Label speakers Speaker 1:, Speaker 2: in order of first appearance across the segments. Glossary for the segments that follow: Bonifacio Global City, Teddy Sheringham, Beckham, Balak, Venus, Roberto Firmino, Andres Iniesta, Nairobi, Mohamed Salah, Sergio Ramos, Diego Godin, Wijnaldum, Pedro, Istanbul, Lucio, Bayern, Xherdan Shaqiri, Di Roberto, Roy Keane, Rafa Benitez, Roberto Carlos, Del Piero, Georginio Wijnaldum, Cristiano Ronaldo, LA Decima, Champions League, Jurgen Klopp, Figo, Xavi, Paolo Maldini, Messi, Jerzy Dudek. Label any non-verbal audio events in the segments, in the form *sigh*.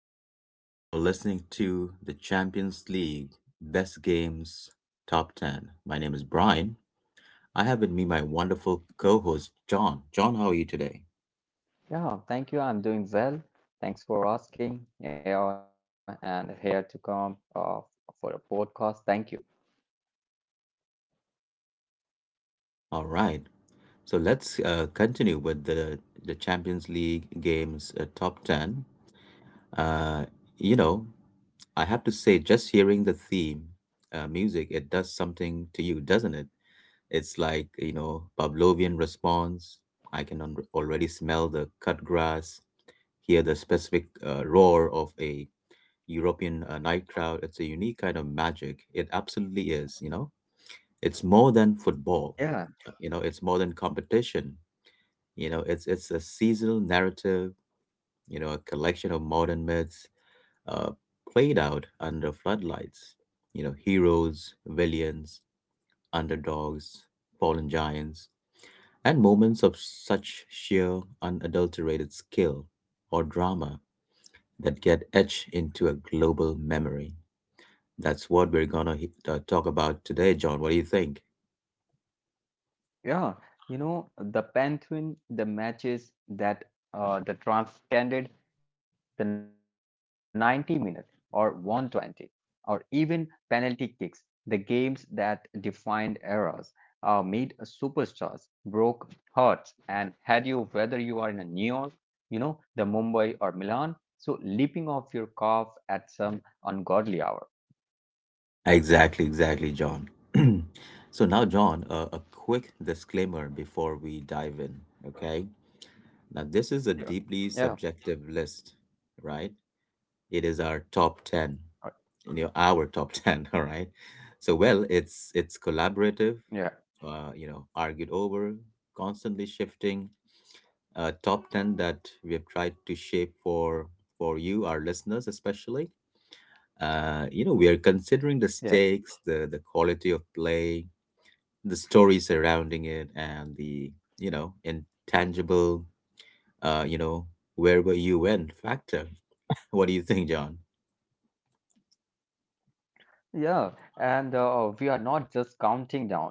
Speaker 1: and welcome. You're listening to the Champions League Best Games Top 10. My name is Brian. I have with me my wonderful co host, John. John, how are you today?
Speaker 2: Yeah, thank you. I'm doing well. Thanks for asking. Yeah, and here to come for a podcast. Thank you.
Speaker 1: All right, so let's continue with the Champions League Games Top 10. Uh, you know, I have to say, just hearing the theme music, it does something to you, doesn't it? It's like Pavlovian response. I can already smell the cut grass, hear the specific roar of a European night crowd. It's a unique kind of magic. It absolutely is. It's more than football.
Speaker 2: Yeah,
Speaker 1: It's more than competition. It's a seasonal narrative, a collection of modern myths uh, played out under floodlights. Heroes, villains, underdogs, fallen giants and moments of such sheer unadulterated skill or drama that get etched into a global memory. That's what we're gonna talk about today, John. What do you think?
Speaker 2: yeah, the Pantheon, the matches that the transcended the 90 minute or 120 or even penalty kicks, the games that defined eras, made superstars, broke hearts, and had you whether you are in a New York, the Mumbai or Milan, so leaping off your calf at some ungodly hour.
Speaker 1: Exactly, exactly, John. *clears throat* So now, John, a quick disclaimer before we dive in, okay? Now, this is a
Speaker 2: Yeah,
Speaker 1: deeply
Speaker 2: yeah,
Speaker 1: subjective list, right? It is our top 10,
Speaker 2: uh,
Speaker 1: our top 10, *laughs* all right? So, well, it's
Speaker 2: yeah,
Speaker 1: collaborative, argued over, constantly shifting top 10 that we have tried to shape for you, our listeners, especially. We are considering
Speaker 2: yeah.
Speaker 1: the stakes, the quality of play, the story surrounding it, and the intangible, uh, you know, where were you when factor. *laughs* What do you think, John?
Speaker 2: Yeah, and oh, we are not just counting down,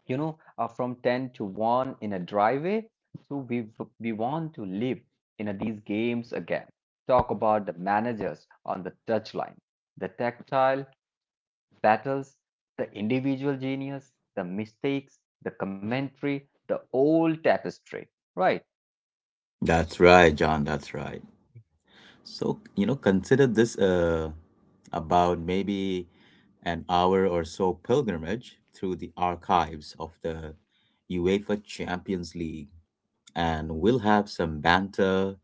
Speaker 2: from 10 to 1 in a driveway. So we want to live in these games again. Talk about the managers on the touchline, the tactile battles, the individual genius, the mistakes, the commentary, the old tapestry. Right.
Speaker 1: That's right, John. That's right. So, consider this about maybe an hour or so pilgrimage through the archives of the UEFA Champions League, and we'll have some banter,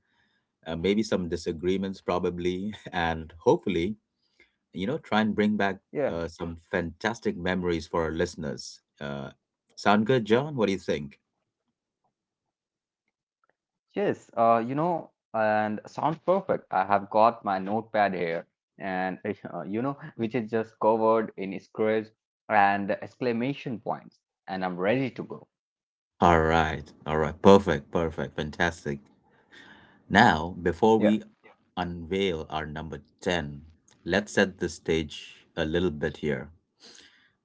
Speaker 1: maybe some disagreements, probably, *laughs* and hopefully, try and bring back
Speaker 2: Yeah.
Speaker 1: some fantastic memories for our listeners. Sound good, John? What do you think?
Speaker 2: Yes, and sounds perfect. I have got my notepad here, and *laughs* which is just covered in squares and exclamation points, and I'm ready to go.
Speaker 1: All right, perfect, perfect, fantastic. Now, before
Speaker 2: Yeah.
Speaker 1: we unveil our number 10, let's set the stage a little bit here.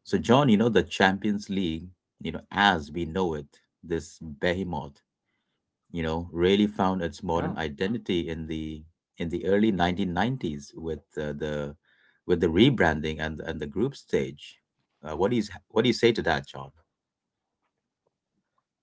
Speaker 1: So, John, the Champions League, as we know it, this behemoth, really found its
Speaker 2: Yeah.
Speaker 1: modern identity in the early 1990s with the rebranding and the group stage. What do you say to that, John?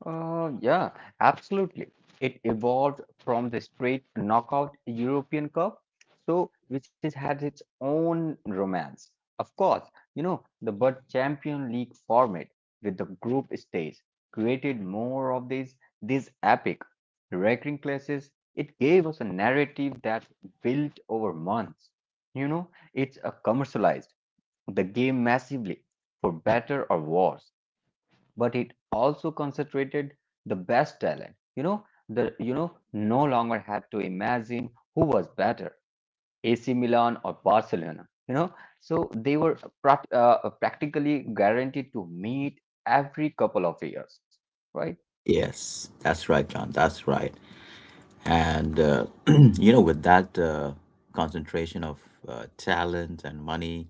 Speaker 2: Yeah, absolutely. It evolved from the straight knockout European Cup, so which is had its own romance. Of course, the but Champion League format with the group stage created more of these epic recurring clashes. It gave us a narrative that built over months. You know, it's a commercialized the game massively for better or worse, but it also concentrated the best talent. You know, no longer had to imagine who was better, AC Milan or Barcelona. You know, so they were practically guaranteed to meet every couple of years, right?
Speaker 1: Yes, that's right, John. That's right. And, *clears throat* with that concentration of talent and money,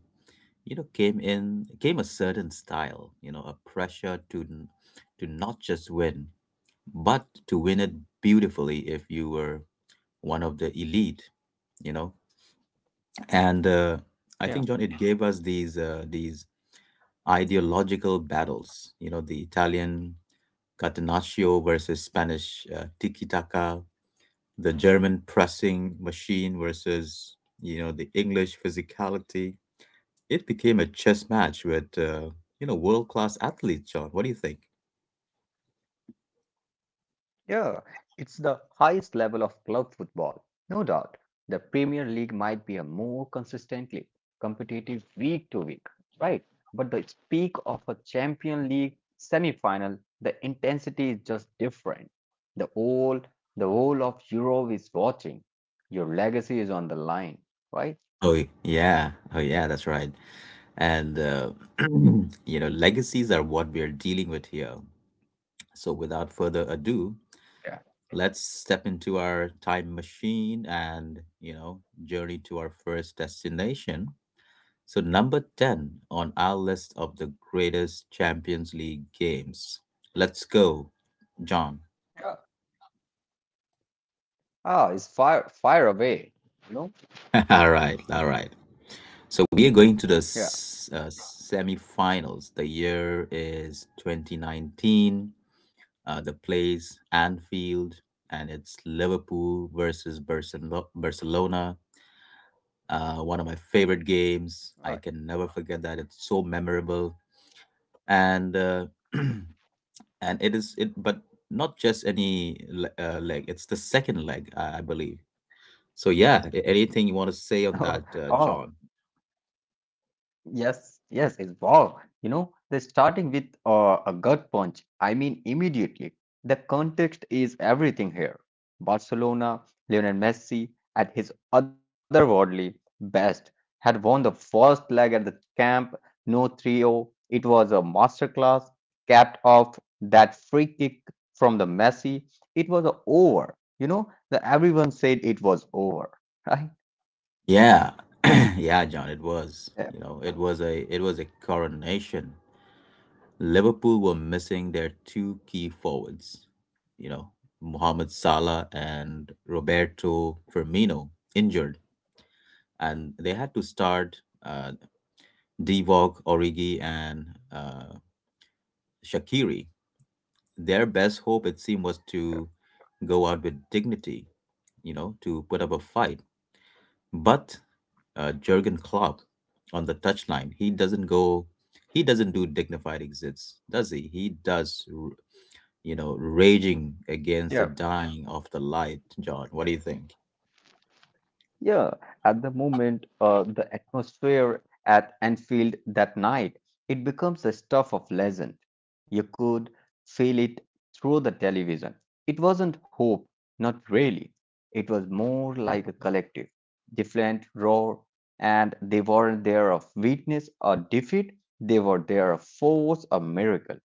Speaker 1: came a certain style, a pressure to not just win, but to win it beautifully if you were one of the elite, you know. And I
Speaker 2: Yeah.
Speaker 1: think, John, it gave us these ideological battles, the Italian Catenaccio versus Spanish tiki the German pressing machine versus the English physicality. It became a chess match with world class athletes. John, what do you think?
Speaker 2: Yeah, it's the highest level of club football, no doubt. The Premier League might be a more consistently competitive week to week, right? But the peak of a Champion League semi-final, the intensity is just different. The whole, the whole of Europe is watching. Your legacy is on the line, right?
Speaker 1: Oh yeah, oh yeah, that's right. And *clears throat* legacies are what we are dealing with here. So without further ado,
Speaker 2: Yeah.
Speaker 1: let's step into our time machine and journey to our first destination. So, number 10 on our list of the greatest Champions League games. Let's go, John.
Speaker 2: Yeah. Ah, it's fire away. You know?
Speaker 1: *laughs* All right, all right. So, we are going to the
Speaker 2: Yeah.
Speaker 1: semi finals. The year is 2019. The place, Anfield, and it's Liverpool versus Barcelona. One of my
Speaker 2: Right.
Speaker 1: favorite games. I can never forget that. It's so memorable. And *clears throat* and it is it but not just any leg. It's the second leg, I believe. So yeah, anything you want to say on
Speaker 2: *laughs*
Speaker 1: that,
Speaker 2: Oh,
Speaker 1: John?
Speaker 2: yes, yes, it's wow. You know, they're starting with a gut punch. I mean, immediately. The context is everything here. Barcelona, Lionel Messi, at his otherworldly best, had won the first leg at the camp, no 3-0. It was a masterclass, capped off that free kick from the Messi. It was a over. You know, everyone said it was over, *laughs* right?
Speaker 1: Yeah. *clears throat* Yeah, John, it was,
Speaker 2: Yeah,
Speaker 1: it was a coronation. Liverpool were missing their two key forwards, you know Mohamed Salah and Roberto Firmino, injured, and they had to start uh, Divock Origi and uh, Shaqiri. Their best hope, it
Speaker 2: yeah.
Speaker 1: seemed, was to go out with dignity, to put up a fight. But Jurgen Klopp on the touchline, he doesn't do dignified exits, does he? He does, raging
Speaker 2: Yeah.
Speaker 1: against the dying of the light, John. What do you think?
Speaker 2: Yeah, at the moment, the atmosphere at Anfield that night, it becomes the stuff of legend. You could feel it through the television. It wasn't hope, not really. It was more like a collective, different roar, and they weren't there of weakness or defeat, they were there of force or miracle.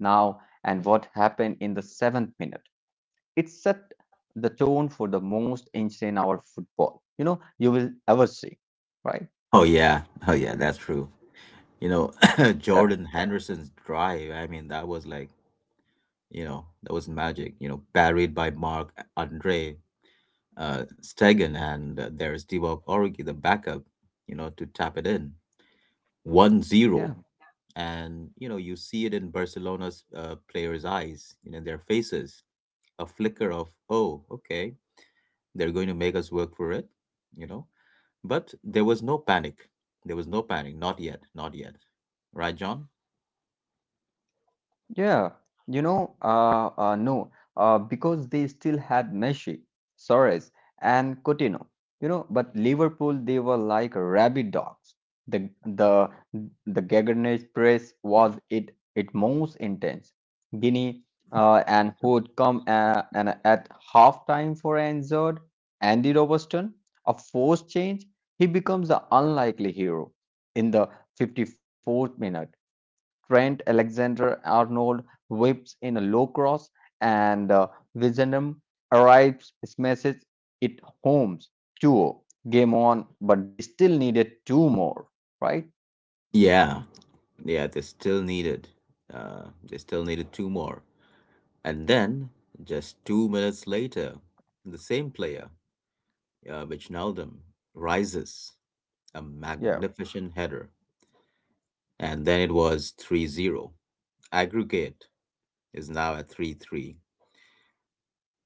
Speaker 2: Now, and what happened in the seventh minute? It set the tone for the most insane hour football, you will ever see, right?
Speaker 1: Oh yeah, oh yeah, that's true. You know, *coughs* *clears throat*
Speaker 2: Yeah,
Speaker 1: Jordan Henderson's drive. I mean, that was like, that was magic. Parried by Mark Andre, Stegen, and there is Divock Origi, the backup, to tap it in 1-0.
Speaker 2: yeah.
Speaker 1: And you see it in Barcelona's players' eyes, their faces, a flicker of, oh, okay, they're going to make us work for it, you know. But there was no panic. There was no panic. Not yet. Not yet. Right, John?
Speaker 2: Yeah, no, because they still had Messi, Suarez, and Coutinho. You know, but Liverpool they were like rabid dogs. The the the Gaggenage press was it most intense. Guinea and who would come and at half time for Anzard, Andy Robertson, a forced change. He becomes the unlikely hero in the 54th minute. Trent Alexander-Arnold whips in a low cross, and Wijnaldum arrives, smashes it home. 2 oh. Game on, but they still needed two more, right?
Speaker 1: Yeah. Yeah, Uh, they still needed two more. And then, just 2 minutes later, the same player, Wijnaldum, rises a
Speaker 2: Yeah,
Speaker 1: magnificent header. And then it was 3-0. Aggregate is now at 3-3.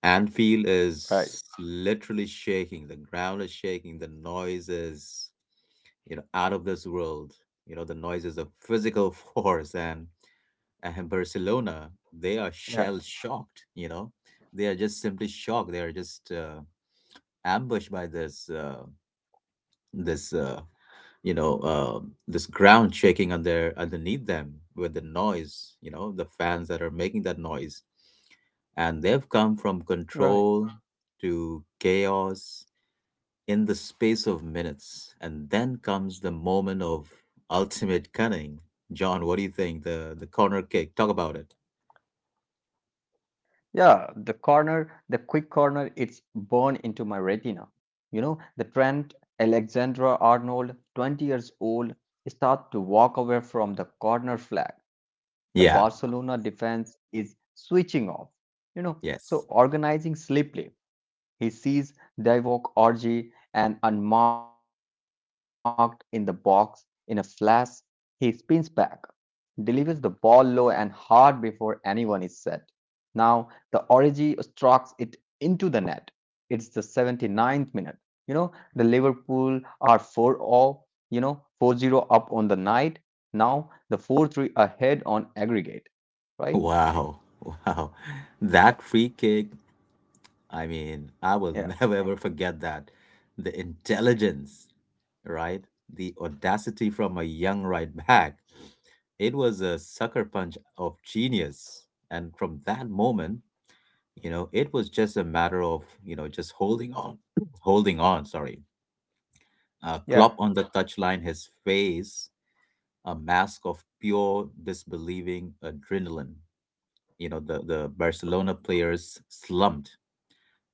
Speaker 1: Anfield
Speaker 2: right.
Speaker 1: is literally shaking. The ground is shaking. The noise is, out of this world. The noise is a physical *laughs* force. And Barcelona, they are
Speaker 2: Yeah,
Speaker 1: shell shocked. They are just simply shocked. They are just ambushed by this this you know this ground shaking underneath them with the noise. The fans that are making that noise, and they've come from
Speaker 2: right.
Speaker 1: control to chaos in the space of minutes. And then comes the moment of ultimate cunning. John, what do you think? The corner kick. Talk about it.
Speaker 2: Yeah, the corner, the quick corner, it's burned into my retina. You know, the Trent Alexander-Arnold, 20 years old, start to walk away from the corner flag. The
Speaker 1: Yeah.
Speaker 2: Barcelona defense is switching off. You know, so
Speaker 1: Yes.
Speaker 2: organizing sleepily he sees Duvok orgy and unmarked in the box. In a flash, he spins back, delivers the ball low and hard before anyone is set. Now the orgy strokes it into the net. It's the 79th minute. You know, the Liverpool are 4-0, 4-0 up on the night. Now the 4-3 ahead on aggregate, right?
Speaker 1: Wow. *laughs* Wow. That free kick, I mean, I will
Speaker 2: Yeah.
Speaker 1: *laughs* never ever forget that. The intelligence, right? The audacity from a young right back. It was a sucker punch of genius. And from that moment, it was just a matter of, just holding on, *clears throat* holding on, sorry. Klopp
Speaker 2: Yeah.
Speaker 1: on the touchline, his face, a mask of pure disbelieving adrenaline. The Barcelona
Speaker 2: Okay.
Speaker 1: players slumped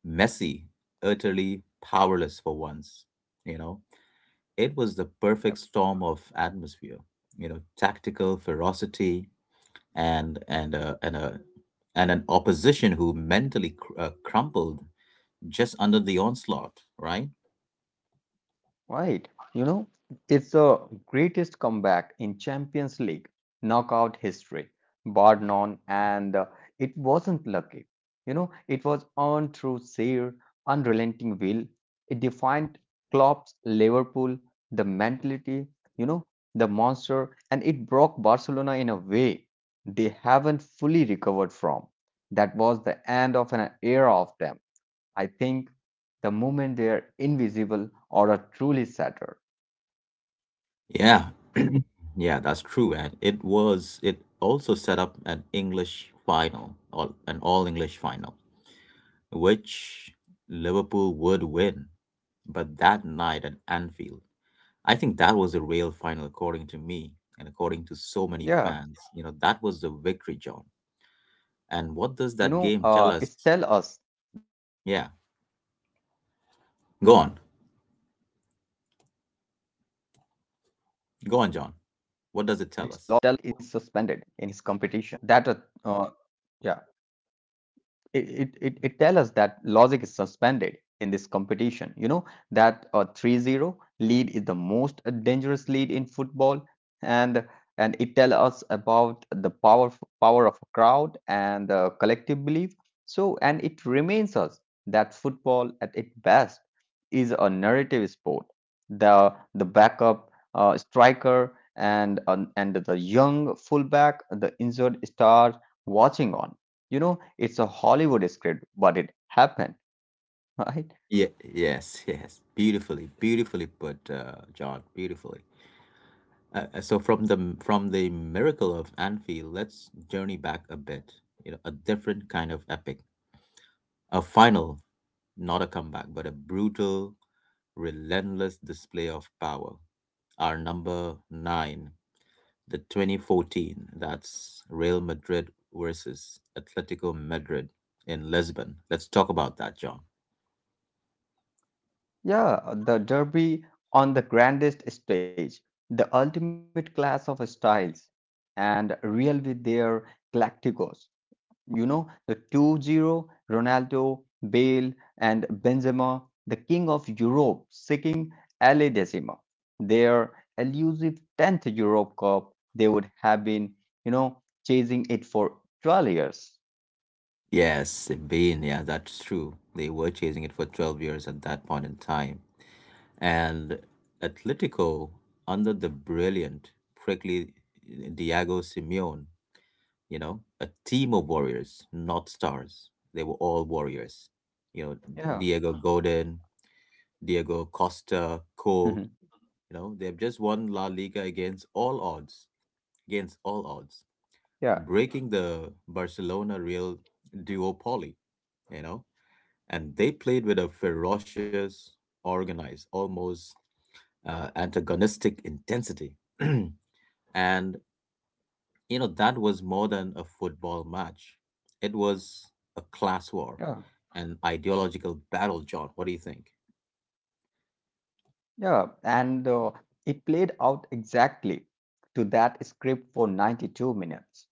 Speaker 1: messy, utterly powerless for once. You know, it was the perfect
Speaker 2: Yeah.
Speaker 1: storm of atmosphere. Tactical ferocity and and uh, and a and an opposition who mentally crumpled just under the onslaught. Right?
Speaker 2: Right. You know, it's the greatest comeback in Champions League knockout history, bar none, and it wasn't lucky. You know, it was earned through sheer unrelenting will. It defined Klopp's Liverpool, the mentality, you know, the monster, and it broke Barcelona in a way they haven't fully recovered from. That was the end of an era of them. I think the moment they're invisible or are truly shattered.
Speaker 1: Yeah, yeah, that's true. And it also set up an English final, an all English final, which Liverpool would win. But that night at Anfield, I think that was the real final, according to me and according to so many fans. That was the victory,
Speaker 2: Yeah,
Speaker 1: John. And what does
Speaker 2: you
Speaker 1: that
Speaker 2: know,
Speaker 1: game tell us?
Speaker 2: it's tell us that
Speaker 1: Yeah,
Speaker 2: logic is suspended in his
Speaker 1: go on,
Speaker 2: competition. Yeah, it's
Speaker 1: go on,
Speaker 2: tell
Speaker 1: John.
Speaker 2: us that a
Speaker 1: What does it
Speaker 2: logic.
Speaker 1: tell us?
Speaker 2: Yeah, so that a yeah. It tells us that logic is suspended in this competition. You know that a 3-0 lead is the most dangerous lead in football, and it tells us about the power of a crowd and the collective belief, so and it reminds us that football at its best is a narrative sport. The backup striker, and the young fullback, the injured star watching on. You know, it's a Hollywood script, but it happened, *laughs* right?
Speaker 1: Yeah, yes, *laughs* yes. Beautifully, beautifully put, John. Beautifully. So from the miracle of Anfield, let's journey back a bit. A different kind of epic, a final. Not a comeback, but a brutal, relentless display of power. Our number nine, the 2014, that's Real Madrid versus Atletico Madrid in Lisbon. Let's talk about that, John.
Speaker 2: Yeah, the Derby on the grandest stage, the ultimate class of styles, and Real with their Galacticos. You know, the 2-0 Ronaldo, Bale, and Benzema, the king of Europe, seeking LA Decima. Their elusive 10th Europe Cup, they would have been, chasing it for 12 years.
Speaker 1: Yes, Bean, yeah, that's true. They were chasing it for 12 years at that point in time. And Atletico, under the brilliant, prickly Diego Simeone, a team of warriors, not stars. They were all warriors. You know,
Speaker 2: Yeah.
Speaker 1: Diego Godin, Diego Costa, Cole,
Speaker 2: Mhm.
Speaker 1: they've just won La Liga against all odds,
Speaker 2: Yeah.
Speaker 1: breaking the Barcelona Real duopoly, you know, and they played with a ferocious, organized, almost antagonistic intensity. *clears throat* And that was more than a football match. It was a class war,
Speaker 2: Yeah.
Speaker 1: an ideological battle. John, what do you think?
Speaker 2: Yeah, and it played out exactly to that script for 92 minutes,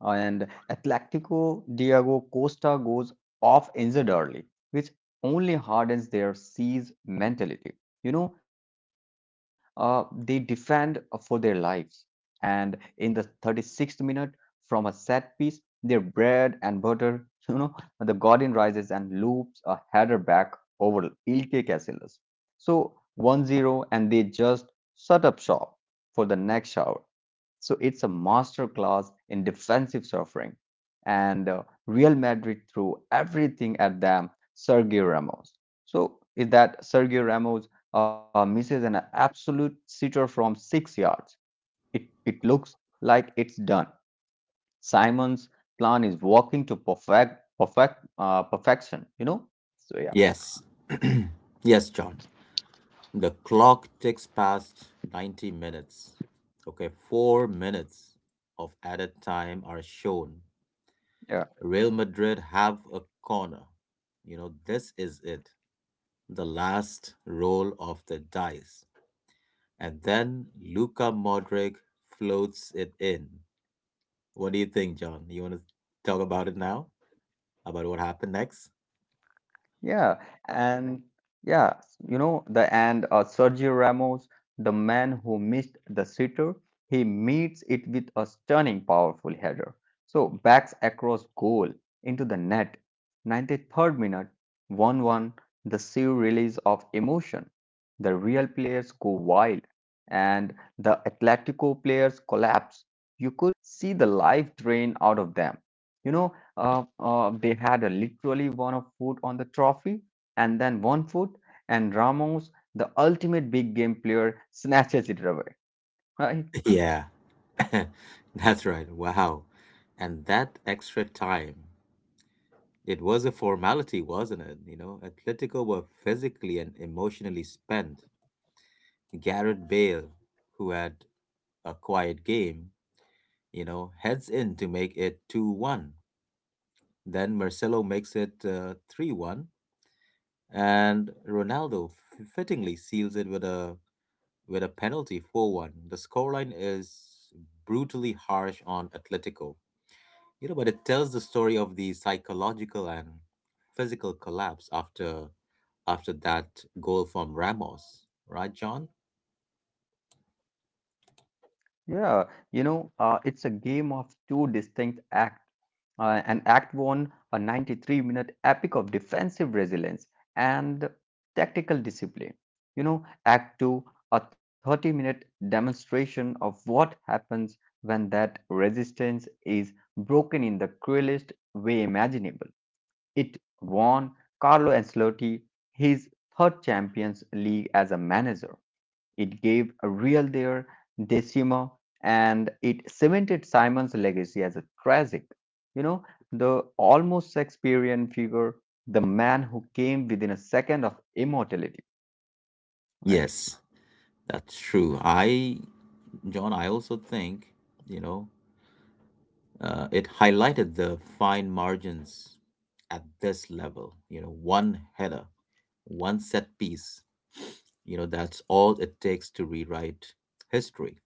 Speaker 2: and Atletico Diego Costa goes off injured early, which only hardens their siege mentality. You know, they defend for their lives, and in the 36th minute, from a set piece, their bread and butter, *laughs* the Guardian rises and loops a header back over Ilke Casillas. So 1-0, and they just shut up shop for the next hour. So it's a masterclass in defensive suffering. And Real Madrid threw everything at them, Sergio Ramos. So is that Sergio Ramos misses an absolute sitter from 6 yards. It looks like it's done. Simon's plan is working to perfection, you know? So yeah,
Speaker 1: Yes. *clears throat* Yes, John, the clock ticks past 90 minutes. Okay, 4 minutes of added time are shown. Real Madrid have a corner. This is it. The last roll of the dice. And then Luka Modric floats it in. What do you think, John? You want to talk about it now? About what happened next?
Speaker 2: yeah, and yeah, you know the and Sergio Ramos, the man who missed the sitter, he meets it with a stunning, powerful header. So backs across goal into the net. 93rd minute, 1-1, the sheer release of emotion. The Real players go wild, and the Atletico players collapse. You could see the life drain out of them. You know, they had a, literally one of foot on the trophy and then one foot, and Ramos, the ultimate big game player, snatches it away. *laughs* Right?
Speaker 1: *laughs* Yeah, *laughs* that's right. Wow. And that extra time. It was a formality, wasn't it? Atletico were physically and emotionally spent. Garrett Bale, who had a quiet game, heads in to make it 2-1. Then Marcelo makes it 3-1. And Ronaldo fittingly seals it with a penalty 4-1. The scoreline is brutally harsh on Atletico. But it tells the story of the psychological and physical collapse after that goal from Ramos, right, John?
Speaker 2: Yeah, you know, it's a game of two distinct acts. And Act 1, a 93-minute epic of defensive resilience and tactical discipline. You know, Act 2, a 30-minute demonstration of what happens when that resistance is broken in the cruelest way imaginable. It won Carlo Ancelotti his third Champions League as a manager. It gave a real their decima, and it cemented Simon's legacy as a tragic, you know, the almost Shakespearean figure, the man who came within a second of immortality, right?
Speaker 1: Yes, that's true. John, I also think, you know, it highlighted the fine margins at this level. One header, one set piece. That's all it takes to rewrite history.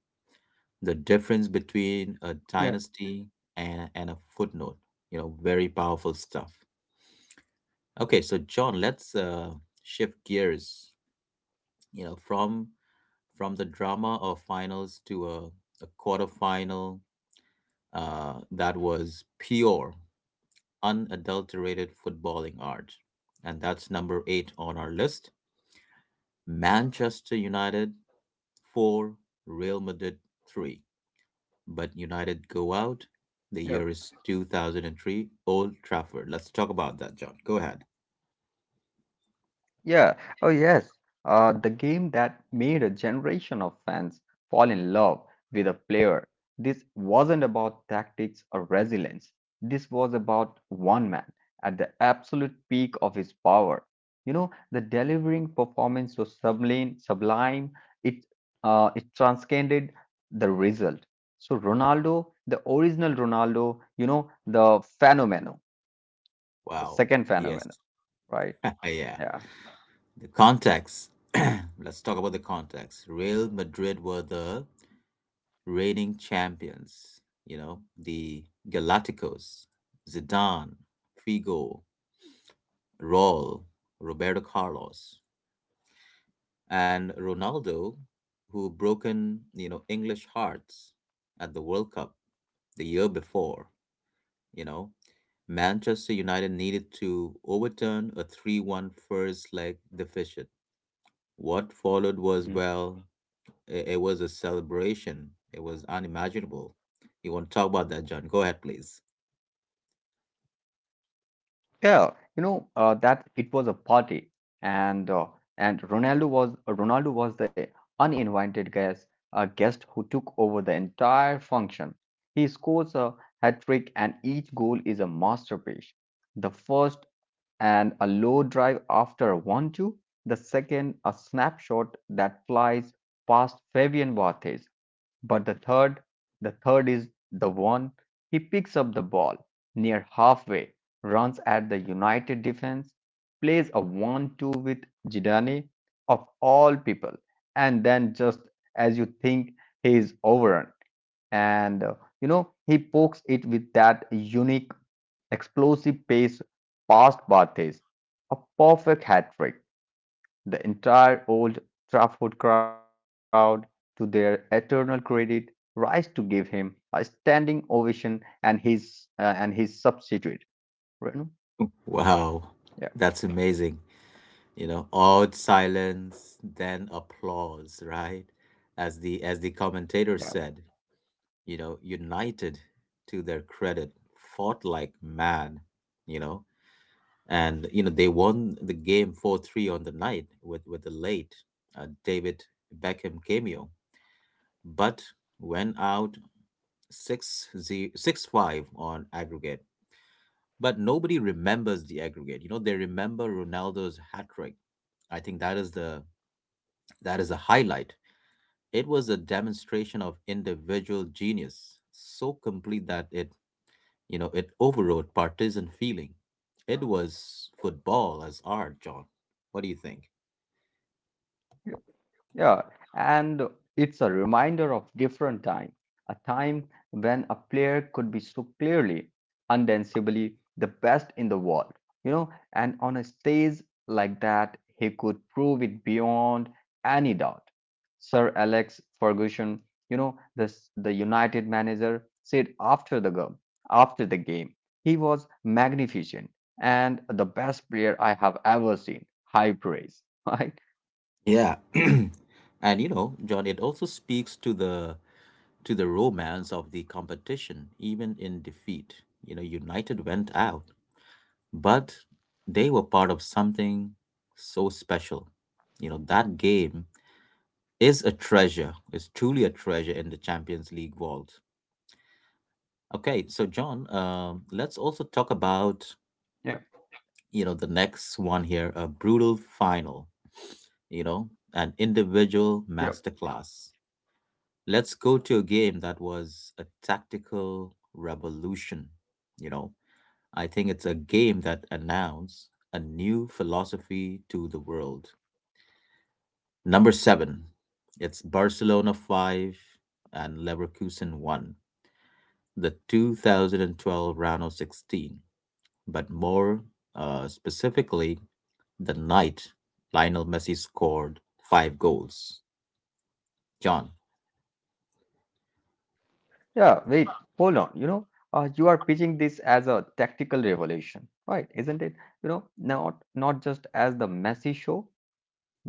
Speaker 1: The difference between a
Speaker 2: Yeah.
Speaker 1: dynasty and a footnote, very powerful stuff. Okay, so John, let's shift gears, you know, from from the drama of finals to a quarterfinal that was pure, unadulterated footballing art. And that's number eight on our list. Manchester United 4, Real Madrid 3. But United go out. The
Speaker 2: Yeah.
Speaker 1: year is 2003, Old Trafford. Let's talk about that, John. Go ahead.
Speaker 2: Yeah, oh yes, the game that made a generation of fans fall in love with a player. This wasn't about tactics or resilience. This was about one man at the absolute peak of his power. You know, the delivering performance was sublime, sublime. It it transcended the result. So Ronaldo, the original Ronaldo, you know, the phenomenon, the
Speaker 1: Wow.
Speaker 2: second phenomenon,
Speaker 1: Yes.
Speaker 2: right?
Speaker 1: *laughs* Yeah.
Speaker 2: Yeah.
Speaker 1: The context. *clears throat* Let's talk about the context. Real Madrid were the reigning champions, the Galacticos, Zidane, Figo, Raul, Roberto Carlos, and Ronaldo, who broken English hearts at the World Cup the year before. You know, Manchester United needed to overturn a 3-1 first leg deficit. What followed was, well, it was a celebration. It was unimaginable. You want to talk about that, John? Go ahead, please.
Speaker 2: Yeah, you know that it was a party, and Ronaldo was the uninvited guest, a guest who took over the entire function. He scores a hat trick, and each goal is a masterpiece. The first and a low drive after a 1-2. The second, a snapshot that flies past Fabian Barthez. But the third is the one he picks up the ball near halfway, runs at the United defense, plays a 1-2 with Zidane of all people, and then just as you think he is overrun, and he pokes it with that unique explosive pace past Barthez, a perfect hat trick. The entire Old Trafford crowd, to their eternal credit, rise to give him a standing ovation and his and his substitute. Renu?
Speaker 1: Wow,
Speaker 2: Yeah,
Speaker 1: that's amazing. Awed silence, then applause, right? As the commentator
Speaker 2: yeah.
Speaker 1: said, United, to their credit, fought like mad, you know, and they won the game 4-3 on the night with the late David Beckham cameo, but went out 6 6-5 on aggregate. But nobody remembers the aggregate. They remember Ronaldo's hat trick. I think that is a highlight. It was a demonstration of individual genius, so complete that it overrode partisan feeling. It was football as art, John. What do you think?
Speaker 2: Yeah, and it's a reminder of different time, a time when a player could be so clearly, undanceably the best in the world, you know, and on a stage like that, he could prove it beyond any doubt. Sir Alex Ferguson, you know, the United manager said after the game, after the game, he was magnificent and the best player I have ever seen. High praise, *laughs* right?
Speaker 1: Yeah. *clears throat* And, John, it also speaks to the romance of the competition, even in defeat. United went out, but they were part of something so special. That game is a treasure. It's truly a treasure in the Champions League vault. Okay, so John, let's also talk about
Speaker 2: Yeah.
Speaker 1: the next one here: a brutal final, an individual
Speaker 2: Yeah.
Speaker 1: masterclass. Let's go to a game that was a tactical revolution. you know I think it's a game that announced a new philosophy to the world. Number 7: it's Barcelona 5 and Leverkusen 1, the 2012 round of 16. But more specifically, the night Lionel Messi scored five goals, John.
Speaker 2: Yeah, wait, hold on. You know, you are pitching this as a tactical revolution, right? Isn't it? Not just as the messy show.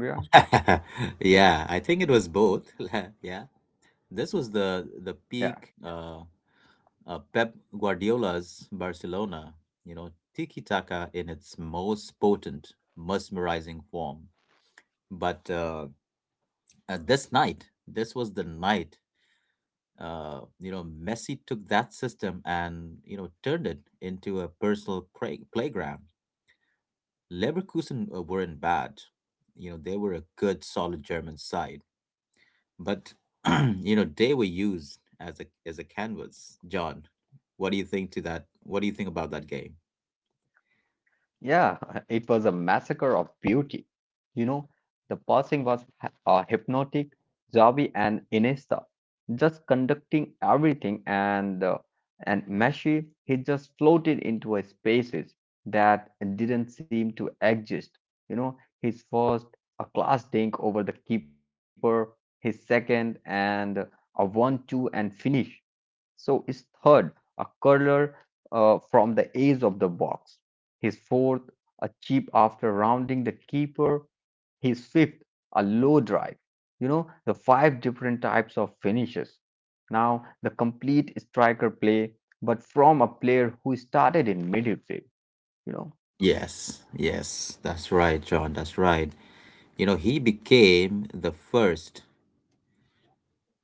Speaker 2: Yeah,
Speaker 1: *laughs* Yeah, I think it was both. *laughs* Yeah. This was the
Speaker 2: yeah.
Speaker 1: peak, Pep Guardiola's Barcelona, tiki taka in its most potent, mesmerizing form. But this was the night. Messi took that system and turned it into a personal playground. Leverkusen weren't bad. They were a good, solid German side, but *clears throat* they were used as a canvas. John, what do you think to that? What do you think about that game?
Speaker 2: Yeah. *laughs* It was a massacre of beauty. You know, the passing was hypnotic. Xavi and Iniesta just conducting everything, and Messi he just floated into a spaces that didn't seem to exist. You know, his first a class dink over the keeper, his second and a one-two and finish. So his third, a curler from the edge of the box. His fourth, a chip after rounding the keeper. His fifth, a low drive. You know, the five different types of finishes. Now, the complete striker play, but from a player who started in midfield, you know.
Speaker 1: Yes, yes, that's right, John. That's right. He became the first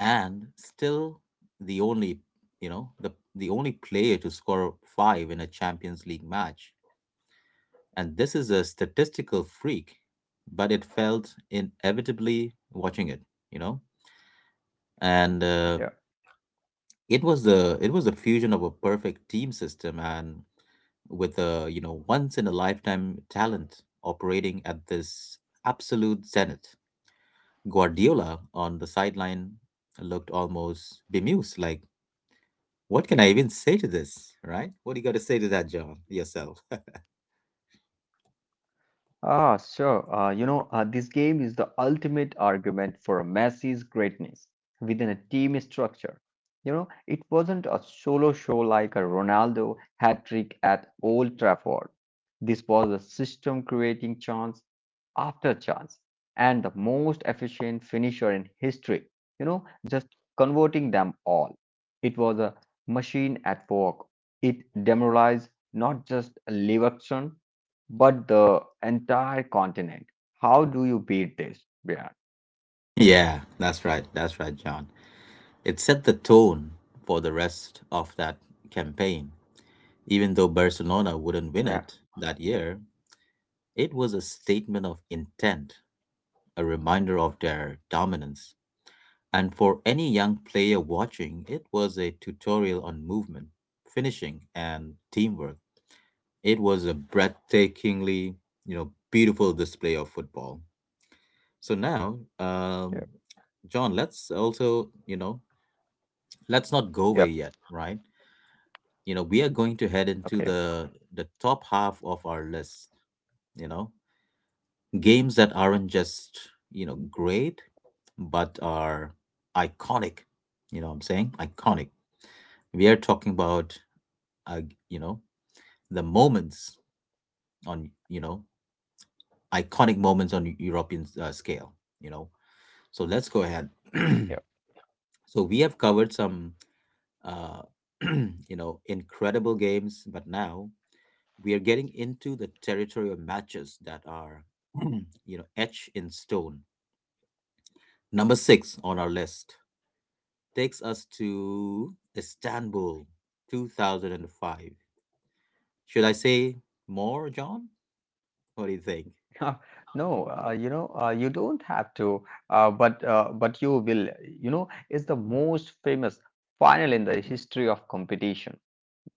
Speaker 1: and still the only, the only player to score 5 in a Champions League match. And this is a statistical freak, but it felt inevitably, watching it, you know and
Speaker 2: Yeah.
Speaker 1: it was a fusion of a perfect team system and with a, once in a lifetime talent operating at this absolute zenith. Guardiola on the sideline looked almost bemused, like, what can I even say to this, right? What do you got to say to that, John, yourself? *laughs*
Speaker 2: Ah, sure. You know, this game is the ultimate argument for Messi's greatness within a team structure. You know, it wasn't a solo show like a Ronaldo hat trick at Old Trafford. This was a system creating chance after chance and the most efficient finisher in history, just converting them all. It was a machine at work. It demoralized not just Leverkusen but the entire continent. How do you beat this? Yeah,
Speaker 1: Yeah, that's right. That's right, John. It set the tone for the rest of that campaign. Even though Barcelona wouldn't win
Speaker 2: yeah,
Speaker 1: it that year, it was a statement of intent, a reminder of their dominance. And for any young player watching, it was a tutorial on movement, finishing, and teamwork. It was a breathtakingly, beautiful display of football. So now,
Speaker 2: yeah,
Speaker 1: John, let's also, you know, let's not go away
Speaker 2: yeah.
Speaker 1: yet, right? We are going to head into
Speaker 2: Okay,
Speaker 1: the top half of our list, you know, games that aren't just, great, but are iconic. You know what I'm saying? Iconic. We are talking about, uh, you know, the on, you know, iconic moments on European scale, you know. So let's go ahead. *clears throat* So we have covered some uh, *clears throat* incredible games. But now we are getting into the territory of matches that are, *clears throat* etched in stone. Number six on our list takes us to Istanbul 2005. Should I say more, John? What do you think?
Speaker 2: yeah. *laughs* No, you don't have to, but you will. You know, it's the most famous final in the history of competition.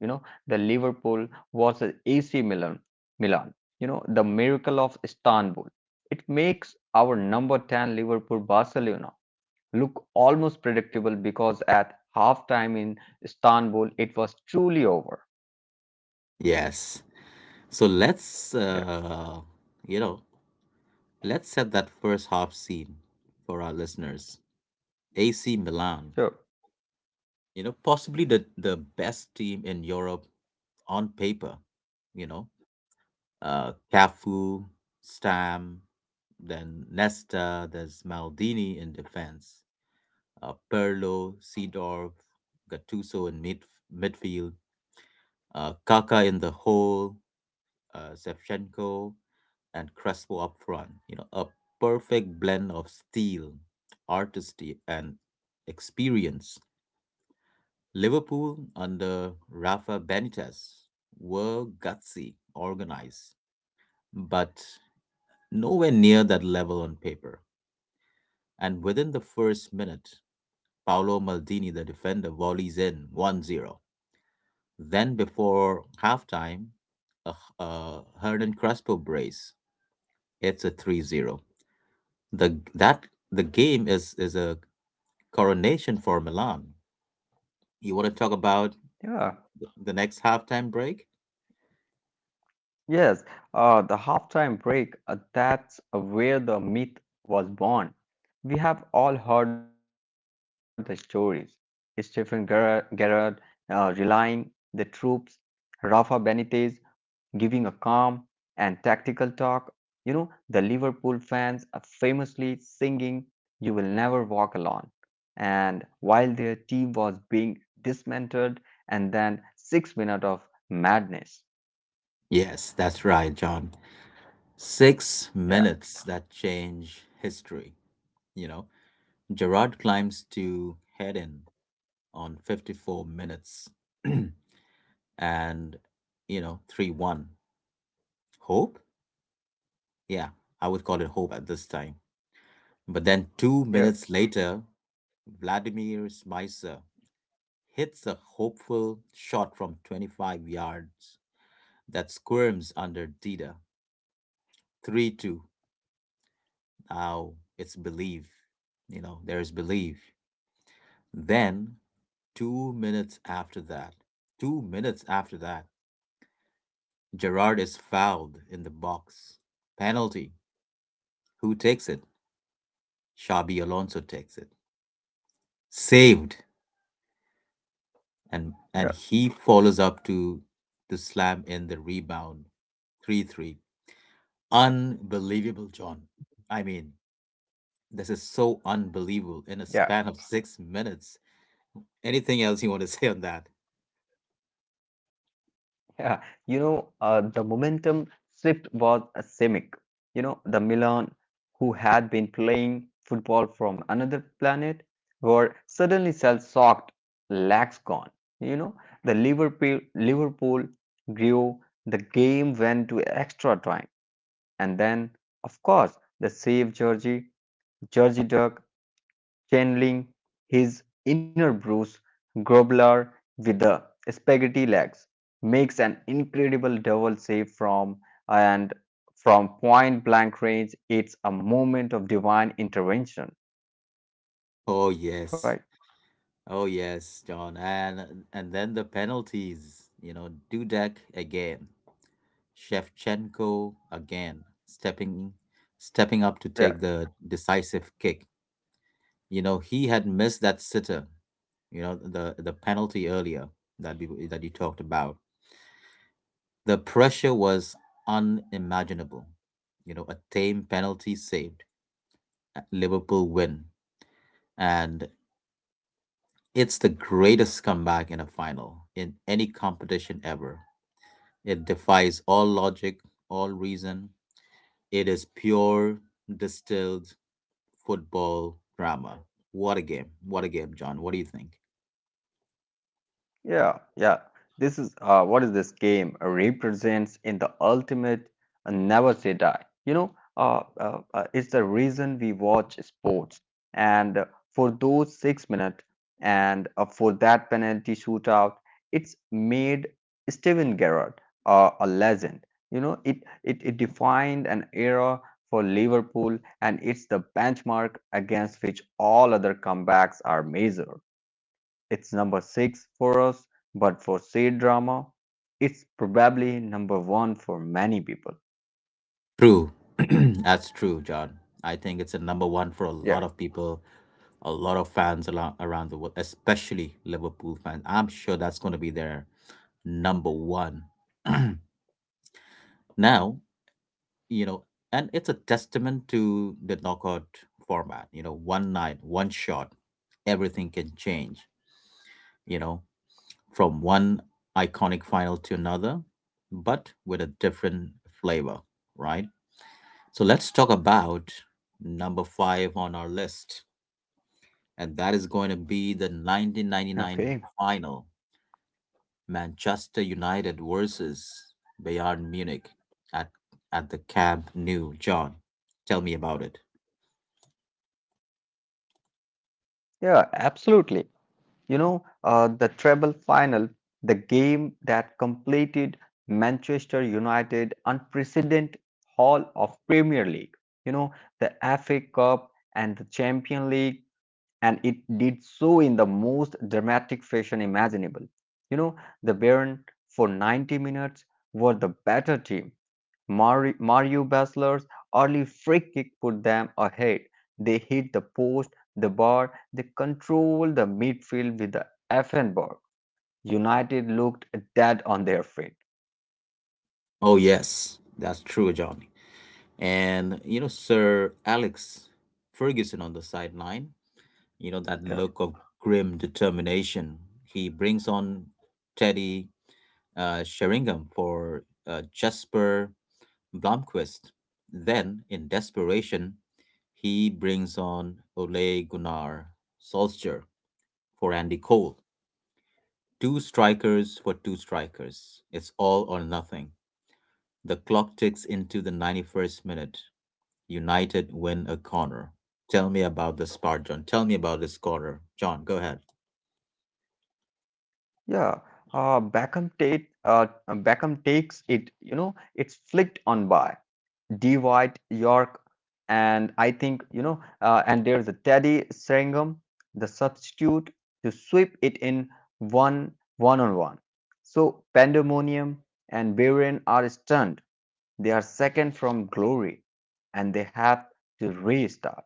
Speaker 2: You know, the Liverpool versus AC Milan. You know, the miracle of Istanbul. It makes our number 10 Liverpool Barcelona look almost predictable because at halftime in Istanbul it was truly over.
Speaker 1: Yes. So
Speaker 2: Yeah.
Speaker 1: you know, let's set that first half scene for our listeners. AC Milan,
Speaker 2: So,
Speaker 1: possibly the best team in Europe on paper. You know, Cafu, Stam, then Nesta. There's Maldini in defense. Perlo, Seedorf, Gattuso in midfield. Kaka in the hole. Shevchenko and Crespo up front. A perfect blend of steel, artistry, and experience. Liverpool under Rafa Benitez were gutsy, organized, but nowhere near that level on paper. And within the first minute, Paolo Maldini, the defender, volleys in 1-0. Then before halftime, a Hernan Crespo brace hits a 3-0. The that the game is a coronation for Milan. You want to talk about
Speaker 2: yeah.
Speaker 1: the next halftime break?
Speaker 2: Yes, the halftime break, that's where the myth was born. We have all heard the stories. Stephen Gerrard relying the troops, Rafa Benitez giving a calm and tactical talk. You know, the Liverpool fans are famously singing, "You will never walk alone." And while their team was being dismantled, and then 6 minutes of madness.
Speaker 1: Yes, that's right, John. Six
Speaker 2: Yeah,
Speaker 1: minutes that change history. You know, Gerard climbs to head in on 54 minutes *clears throat* and, 3-1. Hope? Yeah, I would call it hope at this time. But then two
Speaker 2: yeah,
Speaker 1: minutes later, Vladimir Smicer hits a hopeful shot from 25 yards that squirms under Dida. 3-2. Now it's belief. There is belief. Then 2 minutes after that, 2 minutes after that, Gerard is fouled in the box. Penalty. Who takes it? Shabi Alonso takes it.
Speaker 2: yeah,
Speaker 1: Saved. And he follows up to slam in the rebound. 3-3. Unbelievable, John. I mean, this is so unbelievable in a
Speaker 2: yeah.
Speaker 1: span of 6 minutes. Anything else you want to say on that?
Speaker 2: Yeah, the momentum shift was seismic. You know, the Milan, who had been playing football from another planet, were suddenly shell-shocked. Legs gone. You know, the Liverpool grew. The game went to extra time, and then, of course, the save Georgie Duck channeling his inner Bruce Grobbler with the spaghetti legs, makes an incredible double save from and from point blank range. It's a moment of divine intervention,
Speaker 1: Oh, yes.
Speaker 2: right?
Speaker 1: Oh yes, John, and then the penalties. Dudek again, Shevchenko again, stepping up to
Speaker 2: Yeah.
Speaker 1: take the decisive kick. He had missed that sitter. The penalty earlier that you talked about. The pressure was unimaginable. A tame penalty saved a Liverpool win, and it's the greatest comeback in a final in any competition ever. It defies all logic, all reason. It is pure, distilled football drama. What a game. What a game, John. What do you think?
Speaker 2: Yeah, yeah. This is what is this game represents in the ultimate never say die. You know, it's the reason we watch sports, and for those 6 minutes and for that penalty shootout, it's made Steven Gerrard a legend. You know, it defined an era for Liverpool, and it's the benchmark against which all other comebacks are measured. It's number six for us, but for Say Drama, it's probably number one for many people.
Speaker 1: True. *clears throat* That's true, John. I think it's a number one for a lot of
Speaker 2: Yeah.
Speaker 1: people, a lot of fans around the world, especially Liverpool fans. I'm sure that's going to be their number one. *clears throat* Now, you know, and it's a testament to the knockout format. One night, one shot, everything can change. you know, from one iconic final to another, but with a different flavor, right? So let's talk about number five on our list, and that is going to be the 1999
Speaker 2: Okay.
Speaker 1: final. Manchester United versus Bayern Munich at at the Camp Nou, John. Tell me about it.
Speaker 2: Yeah, absolutely. You know, the treble final, the game that completed Manchester United unprecedented haul of Premier League, you know, the FA Cup and the Champion League and it did so in the most dramatic fashion imaginable. You know, the Bayern for 90 minutes were the better team. Mario Basler's early free kick put them ahead. They hit the post, the bar, they controlled the midfield with the Effenberg. United looked dead on their feet.
Speaker 1: Oh yes, that's true, John. And, Sir Alex Ferguson on the sideline, that
Speaker 2: Yeah,
Speaker 1: look of grim determination. He brings on Teddy, Sheringham for Jasper Blomqvist. Then, in desperation, he brings on Ole Gunnar Solskjaer for Andy Cole. Two strikers for two strikers. It's all or nothing. The clock ticks into the 91st minute. United win a corner. Tell me about this part, John. Tell me about this corner. John, go ahead.
Speaker 2: yeah. Beckham takes it, you know, it's flicked on by. D white York, and I think you know, and there's a Teddy Sheringham, the substitute, to sweep it in one one on one. So Pandemonium and Varian are stunned. They are second from glory, and they have to restart.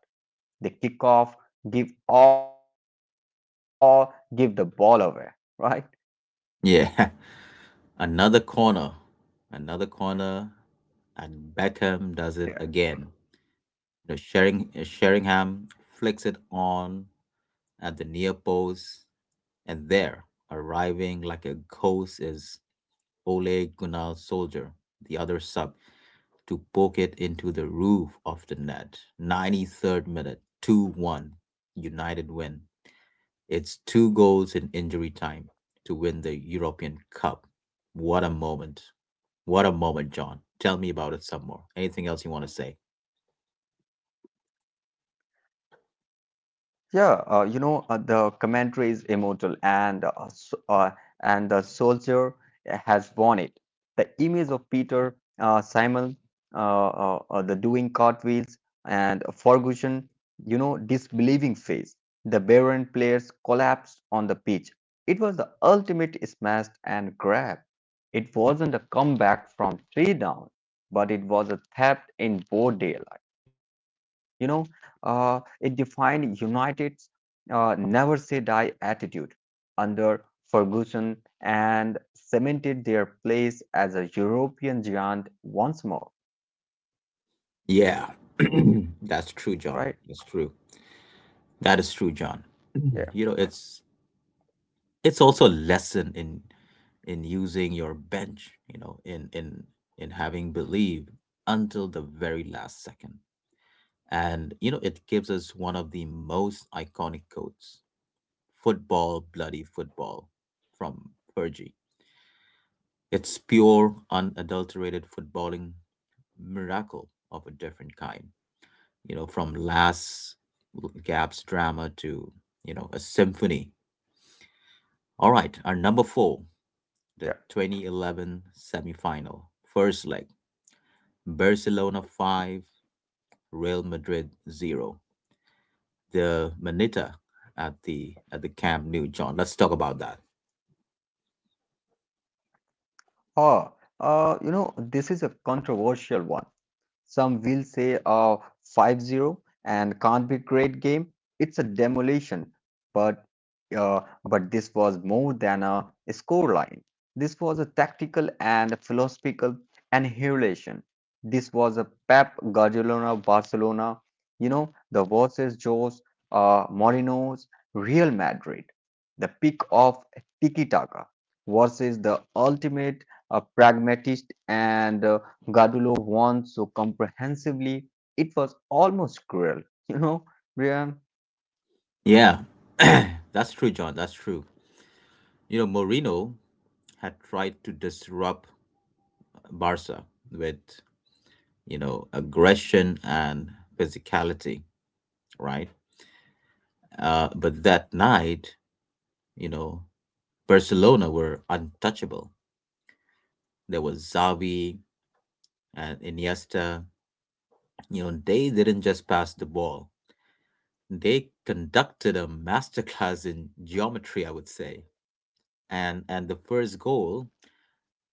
Speaker 2: They kick off, give all, give the ball away, *laughs* right?
Speaker 1: Yeah. Another corner, another corner, and Beckham does it again. Sheringham flicks it on at the near post, and there, arriving like a ghost, is Ole Gunnar Soldier, the other sub, to poke it into the roof of the net. 93rd minute, 2-1, United win. It's two goals in injury time to win the European Cup. What a moment. What a moment, John. Tell me about it some more. Anything else you want to say?
Speaker 2: Yeah, you know, the commentary is immortal, and the soldier has won it. The image of Peter Simon, the doing cartwheels, and Ferguson, you know, disbelieving face. The Baron players collapsed on the pitch. It was the ultimate smash and grab. It wasn't a comeback from three down, but it was a theft in broad daylight. Uh, it defined United's "never say die" attitude under Ferguson and cemented their place as a European giant once more.
Speaker 1: Yeah, *clears throat* that's true, John.
Speaker 2: Right?
Speaker 1: That's true. That is true, John. *clears throat*
Speaker 2: Yeah,
Speaker 1: you know, it's it's also a lesson in using your bench. In having believed until the very last second. And, it gives us one of the most iconic quotes: "Football, bloody football," from Fergie. It's pure, unadulterated footballing miracle of a different kind. From last Gap's drama to, a symphony. All right, our number four:
Speaker 2: yeah.
Speaker 1: the 2011 semifinal, first leg, Barcelona 5, Real Madrid 0. The Manita at the Camp Nou, John. Let's talk about that.
Speaker 2: Oh, you know, this is a controversial one. Some will say a 5-0 and can't be great game. It's a demolition. But but this was more than a scoreline. This was a tactical and philosophical annihilation. This was a Pep Guardiola Barcelona, you know, the versus Jose Mourinho's Real Madrid, the peak of tiki-taka versus the ultimate pragmatist and Gadulo won so comprehensively, it was almost cruel. You know, Brian,
Speaker 1: Yeah, *clears throat* that's true, John. That's true. Mourinho had tried to disrupt Barca with, aggression and physicality, right? But that night, you know, Barcelona were untouchable. There was Xavi and Iniesta. They didn't just pass the ball. They conducted a masterclass in geometry, I would say. And the first goal,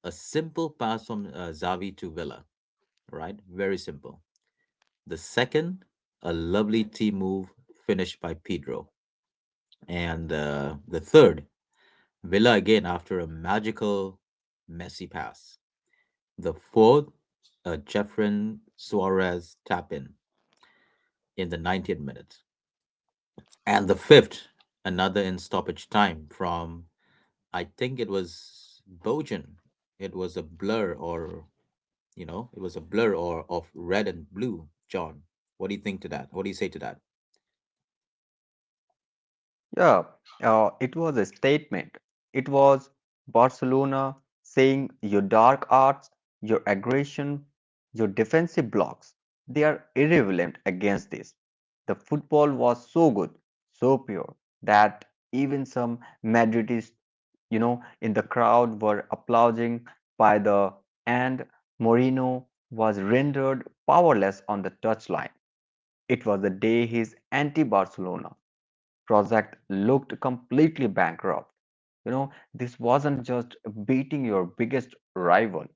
Speaker 1: a simple pass from Xavi to Villa, right? Very simple. The second, a lovely T move finished by Pedro. And the third, Villa again after a magical Messi pass. The fourth, a Jeffrey Suarez tap in the 90th minute. And the fifth, another in stoppage time from, I think it was Bojan. It was a blur or, it was a blur or of red and blue. John, what do you think to that? What do you say to that?
Speaker 2: yeah, it was a statement. It was Barcelona saying your dark arts, your aggression, your defensive blocks, they are irrelevant against this. The football was so good, so pure, that even some Madridistas you know, in the crowd were applauding by the and Moreno was rendered powerless on the touchline. It was the day his anti-Barcelona project looked completely bankrupt. You know, this wasn't just beating your biggest rival;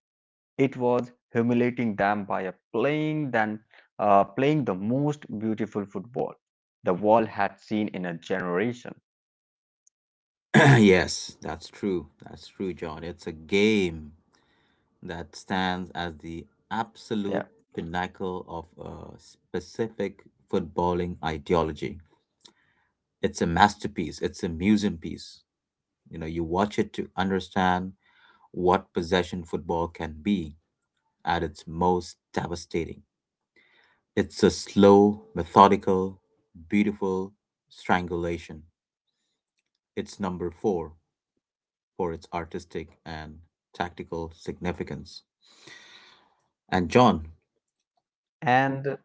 Speaker 2: it was humiliating them by playing than playing the most beautiful football the world had seen in a generation.
Speaker 1: *clears throat* Yes, that's true. That's true, John. It's a game that stands as the
Speaker 2: Yeah,
Speaker 1: absolute pinnacle of a specific footballing ideology. It's a masterpiece, it's a museum piece. You know, you watch it to understand what possession football can be at its most devastating. It's a slow, methodical, beautiful strangulation. It's number four for its artistic and tactical significance. And John,
Speaker 2: and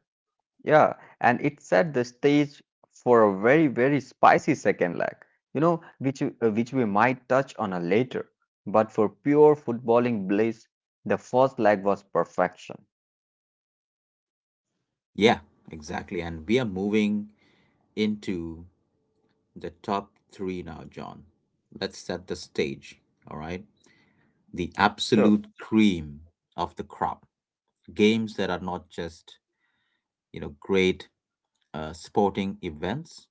Speaker 2: Yeah, and it set the stage for a very, very spicy second leg, you know, which we might touch on a later. But for pure footballing bliss, the first leg was perfection.
Speaker 1: yeah, exactly. And we are moving into the top three now, John. Let's set the stage, all right? The
Speaker 2: Sure.
Speaker 1: absolute cream of the crop. Games that are not just, you know, great sporting events,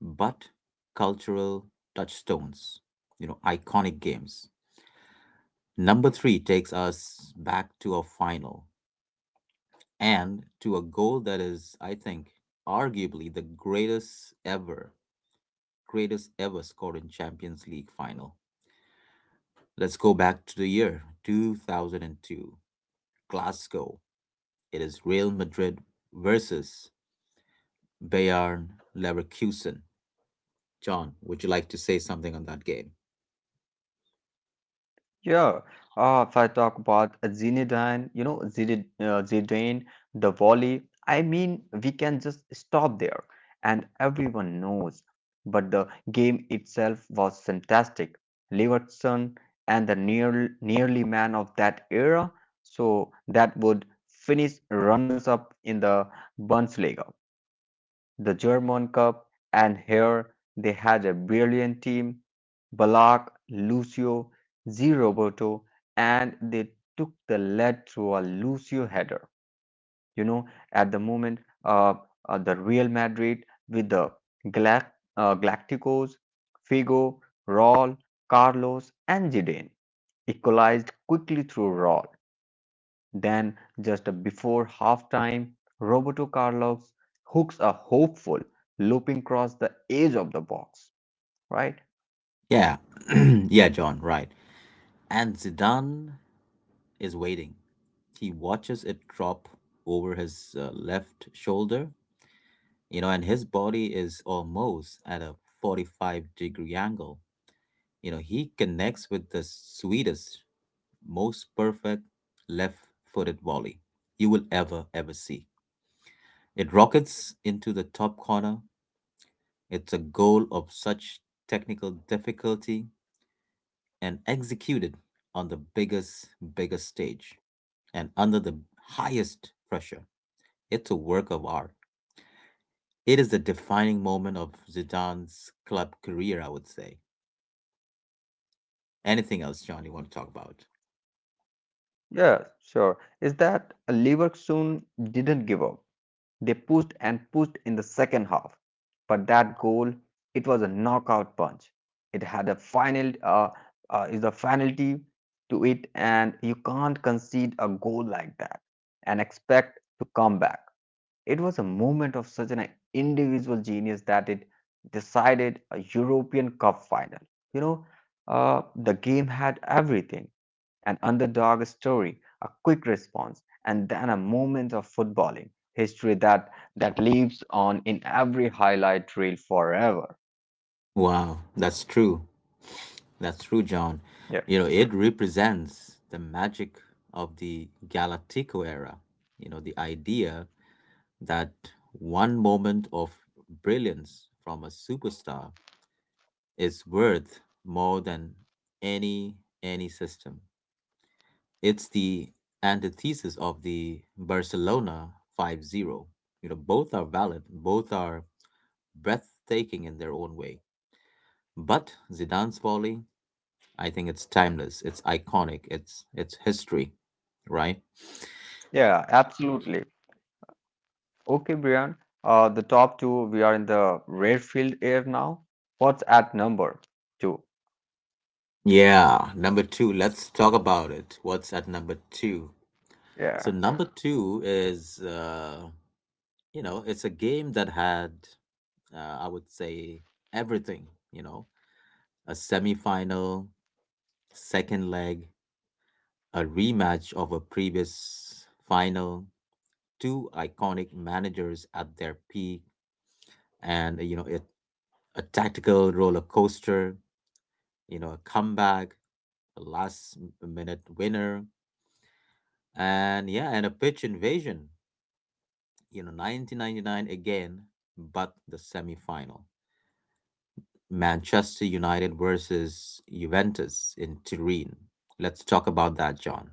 Speaker 1: but cultural touchstones, you know, iconic games. Number three takes us back to a final and to a goal that is, I think, arguably the greatest ever scored in Champions League final. Let's go back to the year 2002, Glasgow. It is Real Madrid versus Bayern Leverkusen. John, would you like to say something on that game?
Speaker 2: Yeah, if I talk about Zinedine, you know, Zidane, the volley, I mean, we can just stop there and everyone knows. But the game itself was fantastic. Leverkusen and the nearly man of that era, so that would finish runners up in the Bundesliga the German Cup, and here they had a brilliant team Balak, Lucio, Di Roberto, and they took the lead through a Lucio header. You know, at the moment, the Real Madrid with the Galacticos, Figo, Raul, Carlos, and Zidane equalized quickly through Raul. Then, just before halftime, Roberto Carlos hooks a hopeful looping cross the edge of the box. Right?
Speaker 1: Yeah. *clears throat* Yeah, John, right. And Zidane is waiting. He watches it drop over his left shoulder, you know, and his body is almost at a 45-degree angle. You know, he connects with the sweetest most perfect left footed volley you will ever see. It rockets into the top corner. It's a goal of such technical difficulty and executed on the biggest stage and under the highest pressure. It's a work of art. It is the defining moment of Zidane's club career, I would say. Anything else, John, you want to talk about?
Speaker 2: Yeah, sure. Is that Leverkusen didn't give up. They pushed and pushed in the second half. But that goal, it was a knockout punch. It had a final is a penalty to it, and you can't concede a goal like that and expect to come back. It was a moment of such an individual genius that it decided a European Cup final. You know, the game had everything an underdog story, a quick response, and then a moment of footballing history that lives on in every highlight reel forever.
Speaker 1: Wow, that's true. That's true, John. You
Speaker 2: Yeah,
Speaker 1: know, it represents the magic of the Galactico era. You know, the idea that one moment of brilliance from a superstar is worth more than any any system. It's the antithesis of the Barcelona 5-0. You know, both are valid, both are breathtaking in their own way. But Zidane's volley, I think it's timeless. It's iconic. It's history, right?
Speaker 2: yeah, absolutely. Okay, Brian, the top two, we are in the rare field here now. What's at number two?
Speaker 1: Yeah, number two. Let's talk about it. What's at number two? So
Speaker 2: Yeah.
Speaker 1: number two is you know, it's a game that had I would say everything. You know, a semi-final, second leg, a rematch of a previous final, two iconic managers at their peak, and you know it a tactical roller coaster. You know, a comeback a last minute winner, and yeah, and a pitch invasion. You know, 1999 again, but the semifinal. Manchester United versus Juventus in Turin. Let's talk about that, John.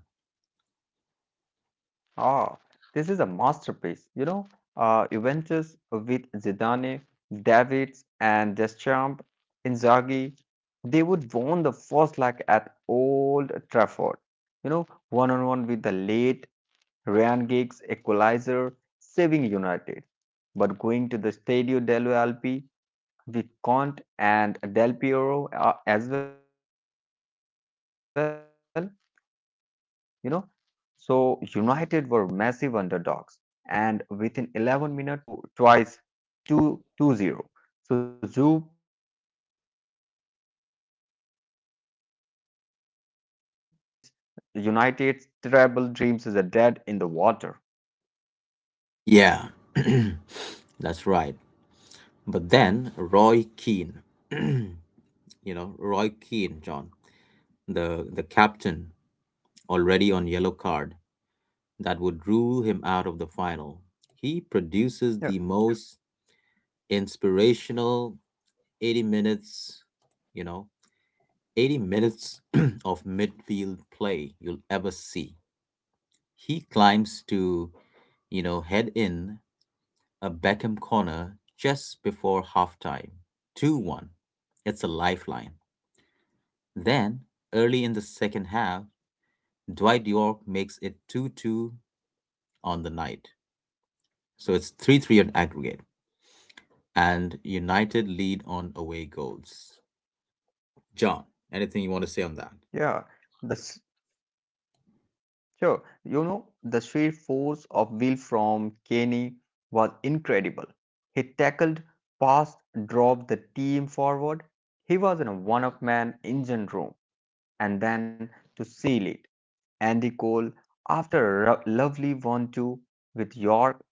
Speaker 2: Ah, this is a masterpiece. You know, Juventus with Zidane, Davids, and Deschamps, Inzaghi, they would won the first leg at Old Trafford. You know, one on one with the late Ryan Giggs equalizer, saving United. But going to the Stadio dello Alpi with Vicomte and Del Piero as well, you know. So United were massive underdogs, and within 11 minutes, Filippo Inzaghi, the poacher, scores two twice, two two zero. So Zoub 3-1 on aggregate. Game over. United's treble dreams is a dead in
Speaker 1: Yeah,
Speaker 2: the water.
Speaker 1: *clears throat* that's right. But then Roy Keane, *clears throat* you know, Roy Keane, John, the captain, already on yellow card, that would rule him out of the final. He produces the
Speaker 2: Yeah,
Speaker 1: most inspirational 80 minutes, you know, 80 minutes *clears throat* of midfield play you'll ever see. He climbs to, you know, head in a Beckham corner just before halftime, 2-1. It's a lifeline. Then, early in the second half, Dwight York makes it 2-2 on the night. So it's 3-3 on aggregate. And United lead on away goals. John, anything you want to say on that?
Speaker 2: yeah. The, Sure, you know, the sheer force of will from Kenny was incredible. He tackled, passed, dropped the team forward. He was in a one of man engine room. And then to seal it, Andy Cole, after a lovely one-two with York,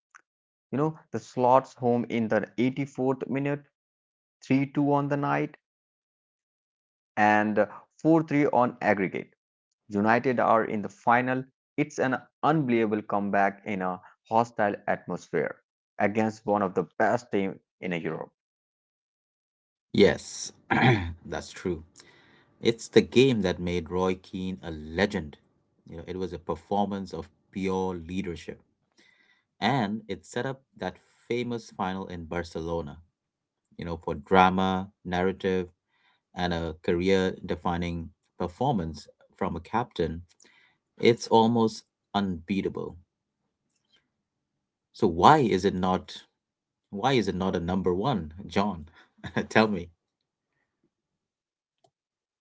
Speaker 2: you know, the slots home in the 84th minute, 3-2 on the night, and 4-3 on aggregate. United are in the final. It's an unbelievable comeback in a hostile atmosphere against one of the best teams in Europe.
Speaker 1: Yes, *clears throat* that's true. It's the game that made Roy Keane a legend. You know, it was a performance of pure leadership. And it set up that famous final in Barcelona, you know, for drama, narrative, and a career defining performance from a captain. It's almost unbeatable. So why is it not why is it not a number one, John? *laughs* Tell me.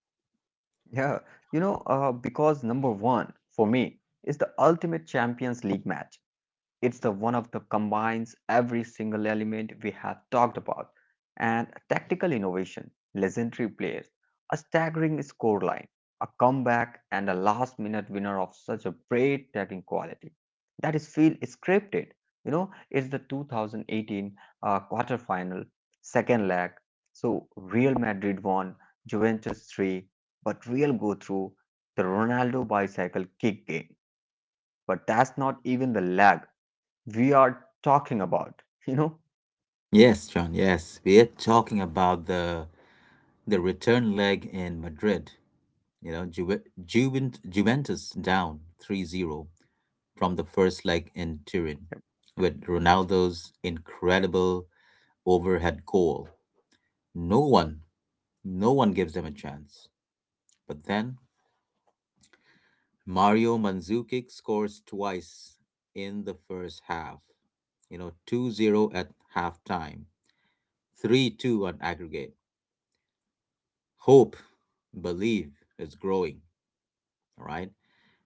Speaker 2: Yeah, because number one for me is the ultimate Champions League match. It's the one of the combines every single element we have talked about and tactical innovation, legendary players, a staggering scoreline, a comeback, and a last minute winner of such a great tagging quality. That is feel scripted. You know, it's the 2018 quarterfinal, second leg. So Real Madrid won, Juventus 3, but Real go through the Ronaldo bicycle kick game. But that's not even the leg we are talking about, you know?
Speaker 1: Yes, John, yes. We're talking about the return leg in Madrid. You know, Juventus down 3-0 from the first leg in Turin
Speaker 2: Yep,
Speaker 1: with Ronaldo's incredible overhead goal. No one, no one gives them a chance. But then Mario Mandzukic scores twice in the first half. You know, 2-0 0 at halftime, 3-2 on aggregate. Hope, believe is growing, all right?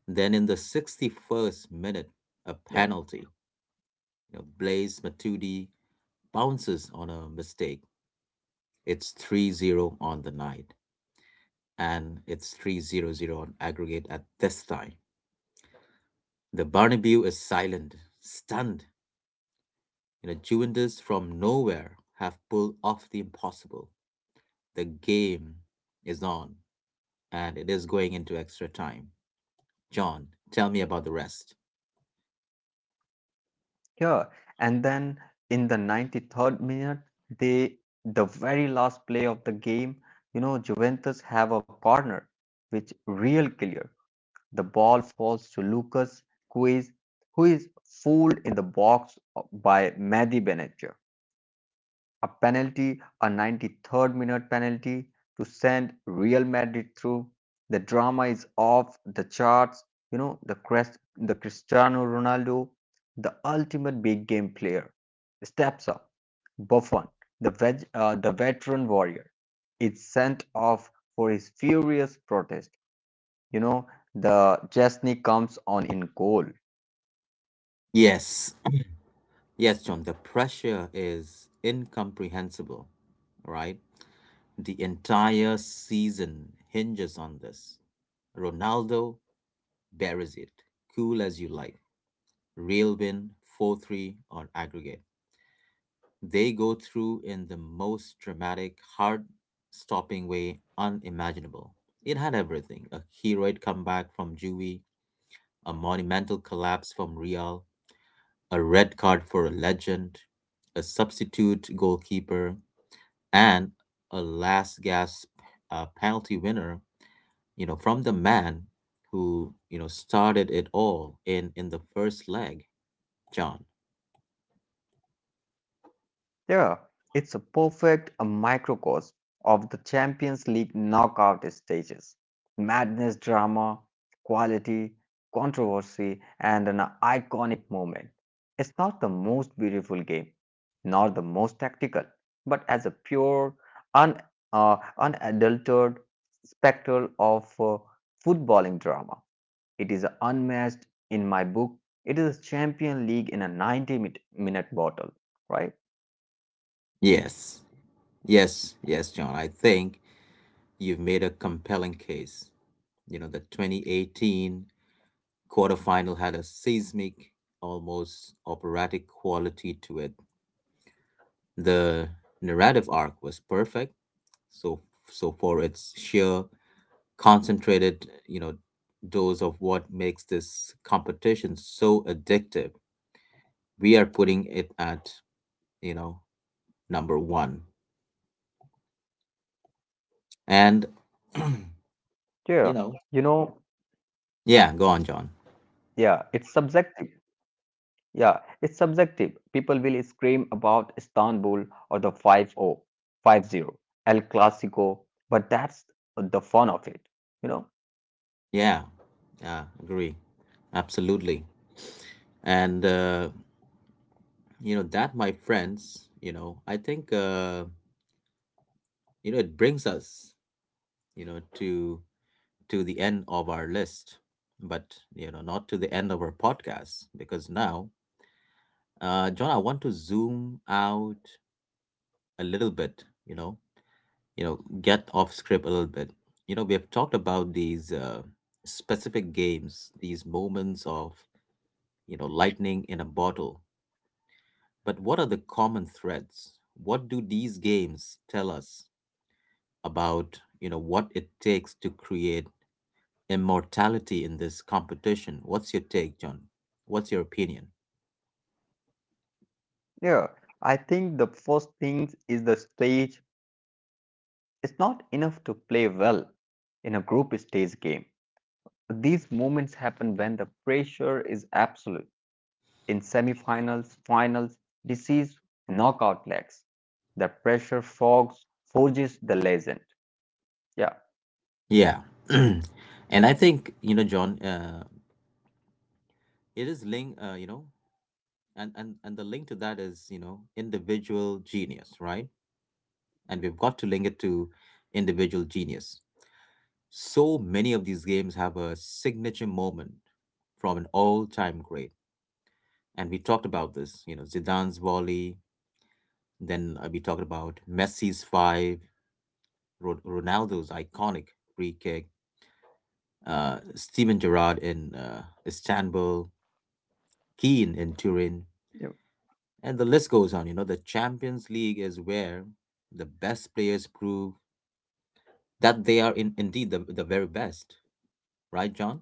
Speaker 1: Then in the 61st
Speaker 2: yep.
Speaker 1: minute, a penalty. You know, Blaise Matuidi bounces on a mistake. It's 3-0 on the night, and it's 3-0-0 on aggregate at this time. The Barnaby is silent, stunned. You know, Juventus from nowhere have pulled off the impossible. The game is on, and it is going into extra time. John, tell me about the rest.
Speaker 2: Yeah. And then in the 93rd minute, they the very last play of the game, you know, Juventus have a corner which real clear. The ball falls to Lucas Quiz, who is fooled in the box by Mehdi Benatia. A penalty, a 93rd-minute penalty, to send Real Madrid through. The drama is off the charts. You know, the Cristiano Ronaldo, the ultimate big game player, steps up. Buffon, the veteran warrior, is sent off for his furious protest. You know, the Chesney comes on in goal.
Speaker 1: Yes. Yes, John, the pressure is incomprehensible, right? The entire season hinges on this. Ronaldo there is it, cool as you like, rail bin, 4-3, or aggregate. They go through in the most dramatic, heart stopping way unimaginable. It had everything a heroic comeback from Juvie, a monumental collapse from Real, a red card for a legend, a substitute goalkeeper, and a last gasp penalty winner, you know, from the man who, you know, started it all in the first leg. John.
Speaker 2: Yeah, it's a perfect a microcosm of the Champions League knockout stages. Madness, drama, quality, controversy, and an iconic moment. It's not the most beautiful game, nor the most tactical, but as a pure, un, unadulterated spectacle of footballing drama. It is unmatched in my book. It is a Champion League in a 90 minute bottle, right?
Speaker 1: Yes. Yes, John. I think you've made a compelling case. You know, the 2018 quarterfinal had a seismic, almost operatic quality to it. The narrative arc was perfect. So, so, for its sheer concentrated, you know, dose of what makes this competition so addictive, we are putting it at, you know, number one. And,
Speaker 2: Yeah, you
Speaker 1: *clears throat*
Speaker 2: know,
Speaker 1: you know, yeah, go on, John.
Speaker 2: yeah, it's subjective. Yeah, it's subjective. People will scream about Istanbul or the 5-0, 5-0, El Clasico, but that's the fun of it, you know?
Speaker 1: Yeah, yeah, agree. Absolutely. And, you know, that, my friends, you know, I think, you know, it brings us, you know, to the end of our list, but, you know, not to the end of our podcast, because now, John, I want to zoom out a little bit, you know, get off script a little bit. You know, we have talked about these specific games, these moments of, you know, lightning in a bottle. But what are the common threads? What do these games tell us about, you know, what it takes to create immortality in this competition? What's your take, John? What's your opinion?
Speaker 2: Yeah, I think the first thing is the stage. It's not enough to play well in a group stage game. These moments happen when the pressure is absolute in semifinals, finals, disease, knockout legs. The pressure fogs forges the legend. Yeah.
Speaker 1: Yeah. *clears throat* And I think, you know, John, it is linked, you know, and the link to that is, you know, individual genius, right? And we've got to link it to individual genius. So many of these games have a signature moment from an all time great and we talked about this. You know, Zidane's volley. Then we talked about Messi's five, Ronaldo's iconic free kick, Steven Gerrard in Istanbul, Keane in Turin,
Speaker 2: Yeah,
Speaker 1: and the list goes on. You know, the Champions League is where the best players prove that they are indeed the very best, right, John?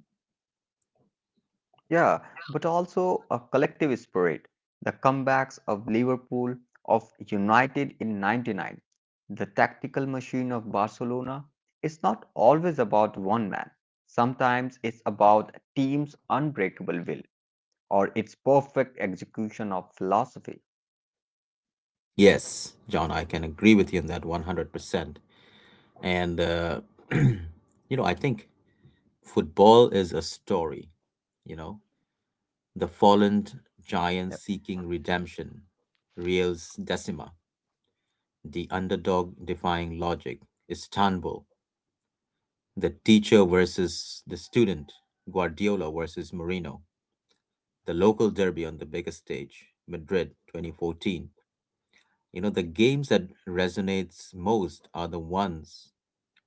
Speaker 2: yeah, but also a collective spirit. The comebacks of Liverpool, of United in 99, the tactical machine of Barcelona is not always about one man. Sometimes it's about a team's unbreakable will or its perfect execution of philosophy.
Speaker 1: Yes, John, I can agree with you on that 100%. And, *clears throat* you know, I think football is a story, you know? The fallen giant seeking redemption, Reels Decima, the underdog defying logic, Istanbul, the teacher versus the student, Guardiola versus Mourinho, the local derby on the biggest stage, Madrid 2014. You know, the games that resonates most are the ones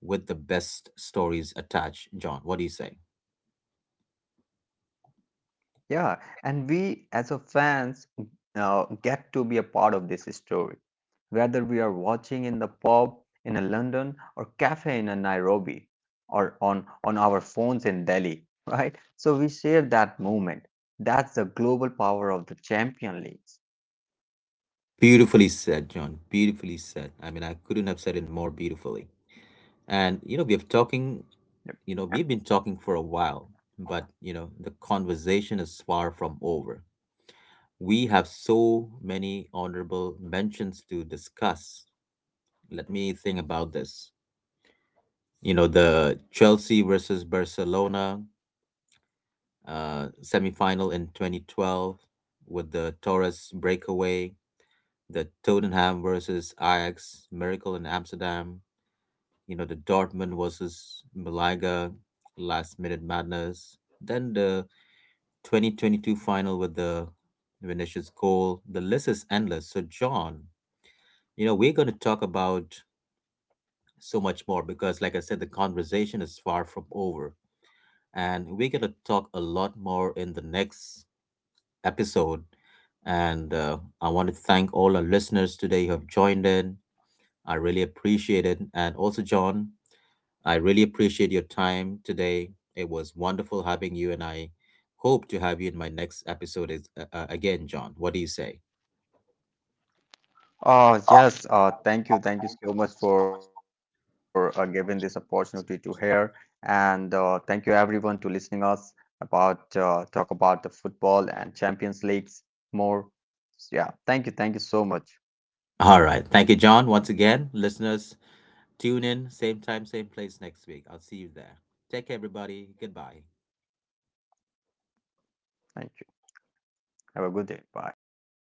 Speaker 1: with the best stories attached, John. What do you say?
Speaker 2: Yeah, and we as a fans get to be a part of this story, whether we are watching in the pub in a London or cafe in a Nairobi or on our phones in Delhi, *laughs* right? So we share that moment. That's the global power of the Champion Leagues.
Speaker 1: Beautifully said, John. Beautifully said. I mean, I couldn't have said it more beautifully. And you know, we've talking, you know, we've been talking for a while, but you know, the conversation is far from over. We have so many honorable mentions to discuss. Let me think about this. You know, the Chelsea versus Barcelona semifinal in 2012 with the Torres breakaway, the Tottenham versus Ajax miracle in Amsterdam, you know the Dortmund versus Malaga last minute madness, then the 2022 final with the Vinicius goal. The list is endless. So John, you know we're going to talk about so much more because like I said the conversation is far from over and we're going to talk a lot more in the next episode and I want to thank all our listeners today who have joined in. I really appreciate it. And also, John, I really appreciate your time today. It was wonderful having you, and I hope to have you in my next episode is, again, John. What do you say?
Speaker 2: Yes, thank you. Thank you so much for giving this opportunity to hear. And thank you everyone to listening us about talk about the football and Champions Leagues more. Yeah, thank you. Thank you so much.
Speaker 1: All right. Thank you, John. Once again, listeners, tune in, same time, same place next week. I'll see you there. Take care, everybody. Goodbye.
Speaker 2: Thank you. Have a good day. Bye.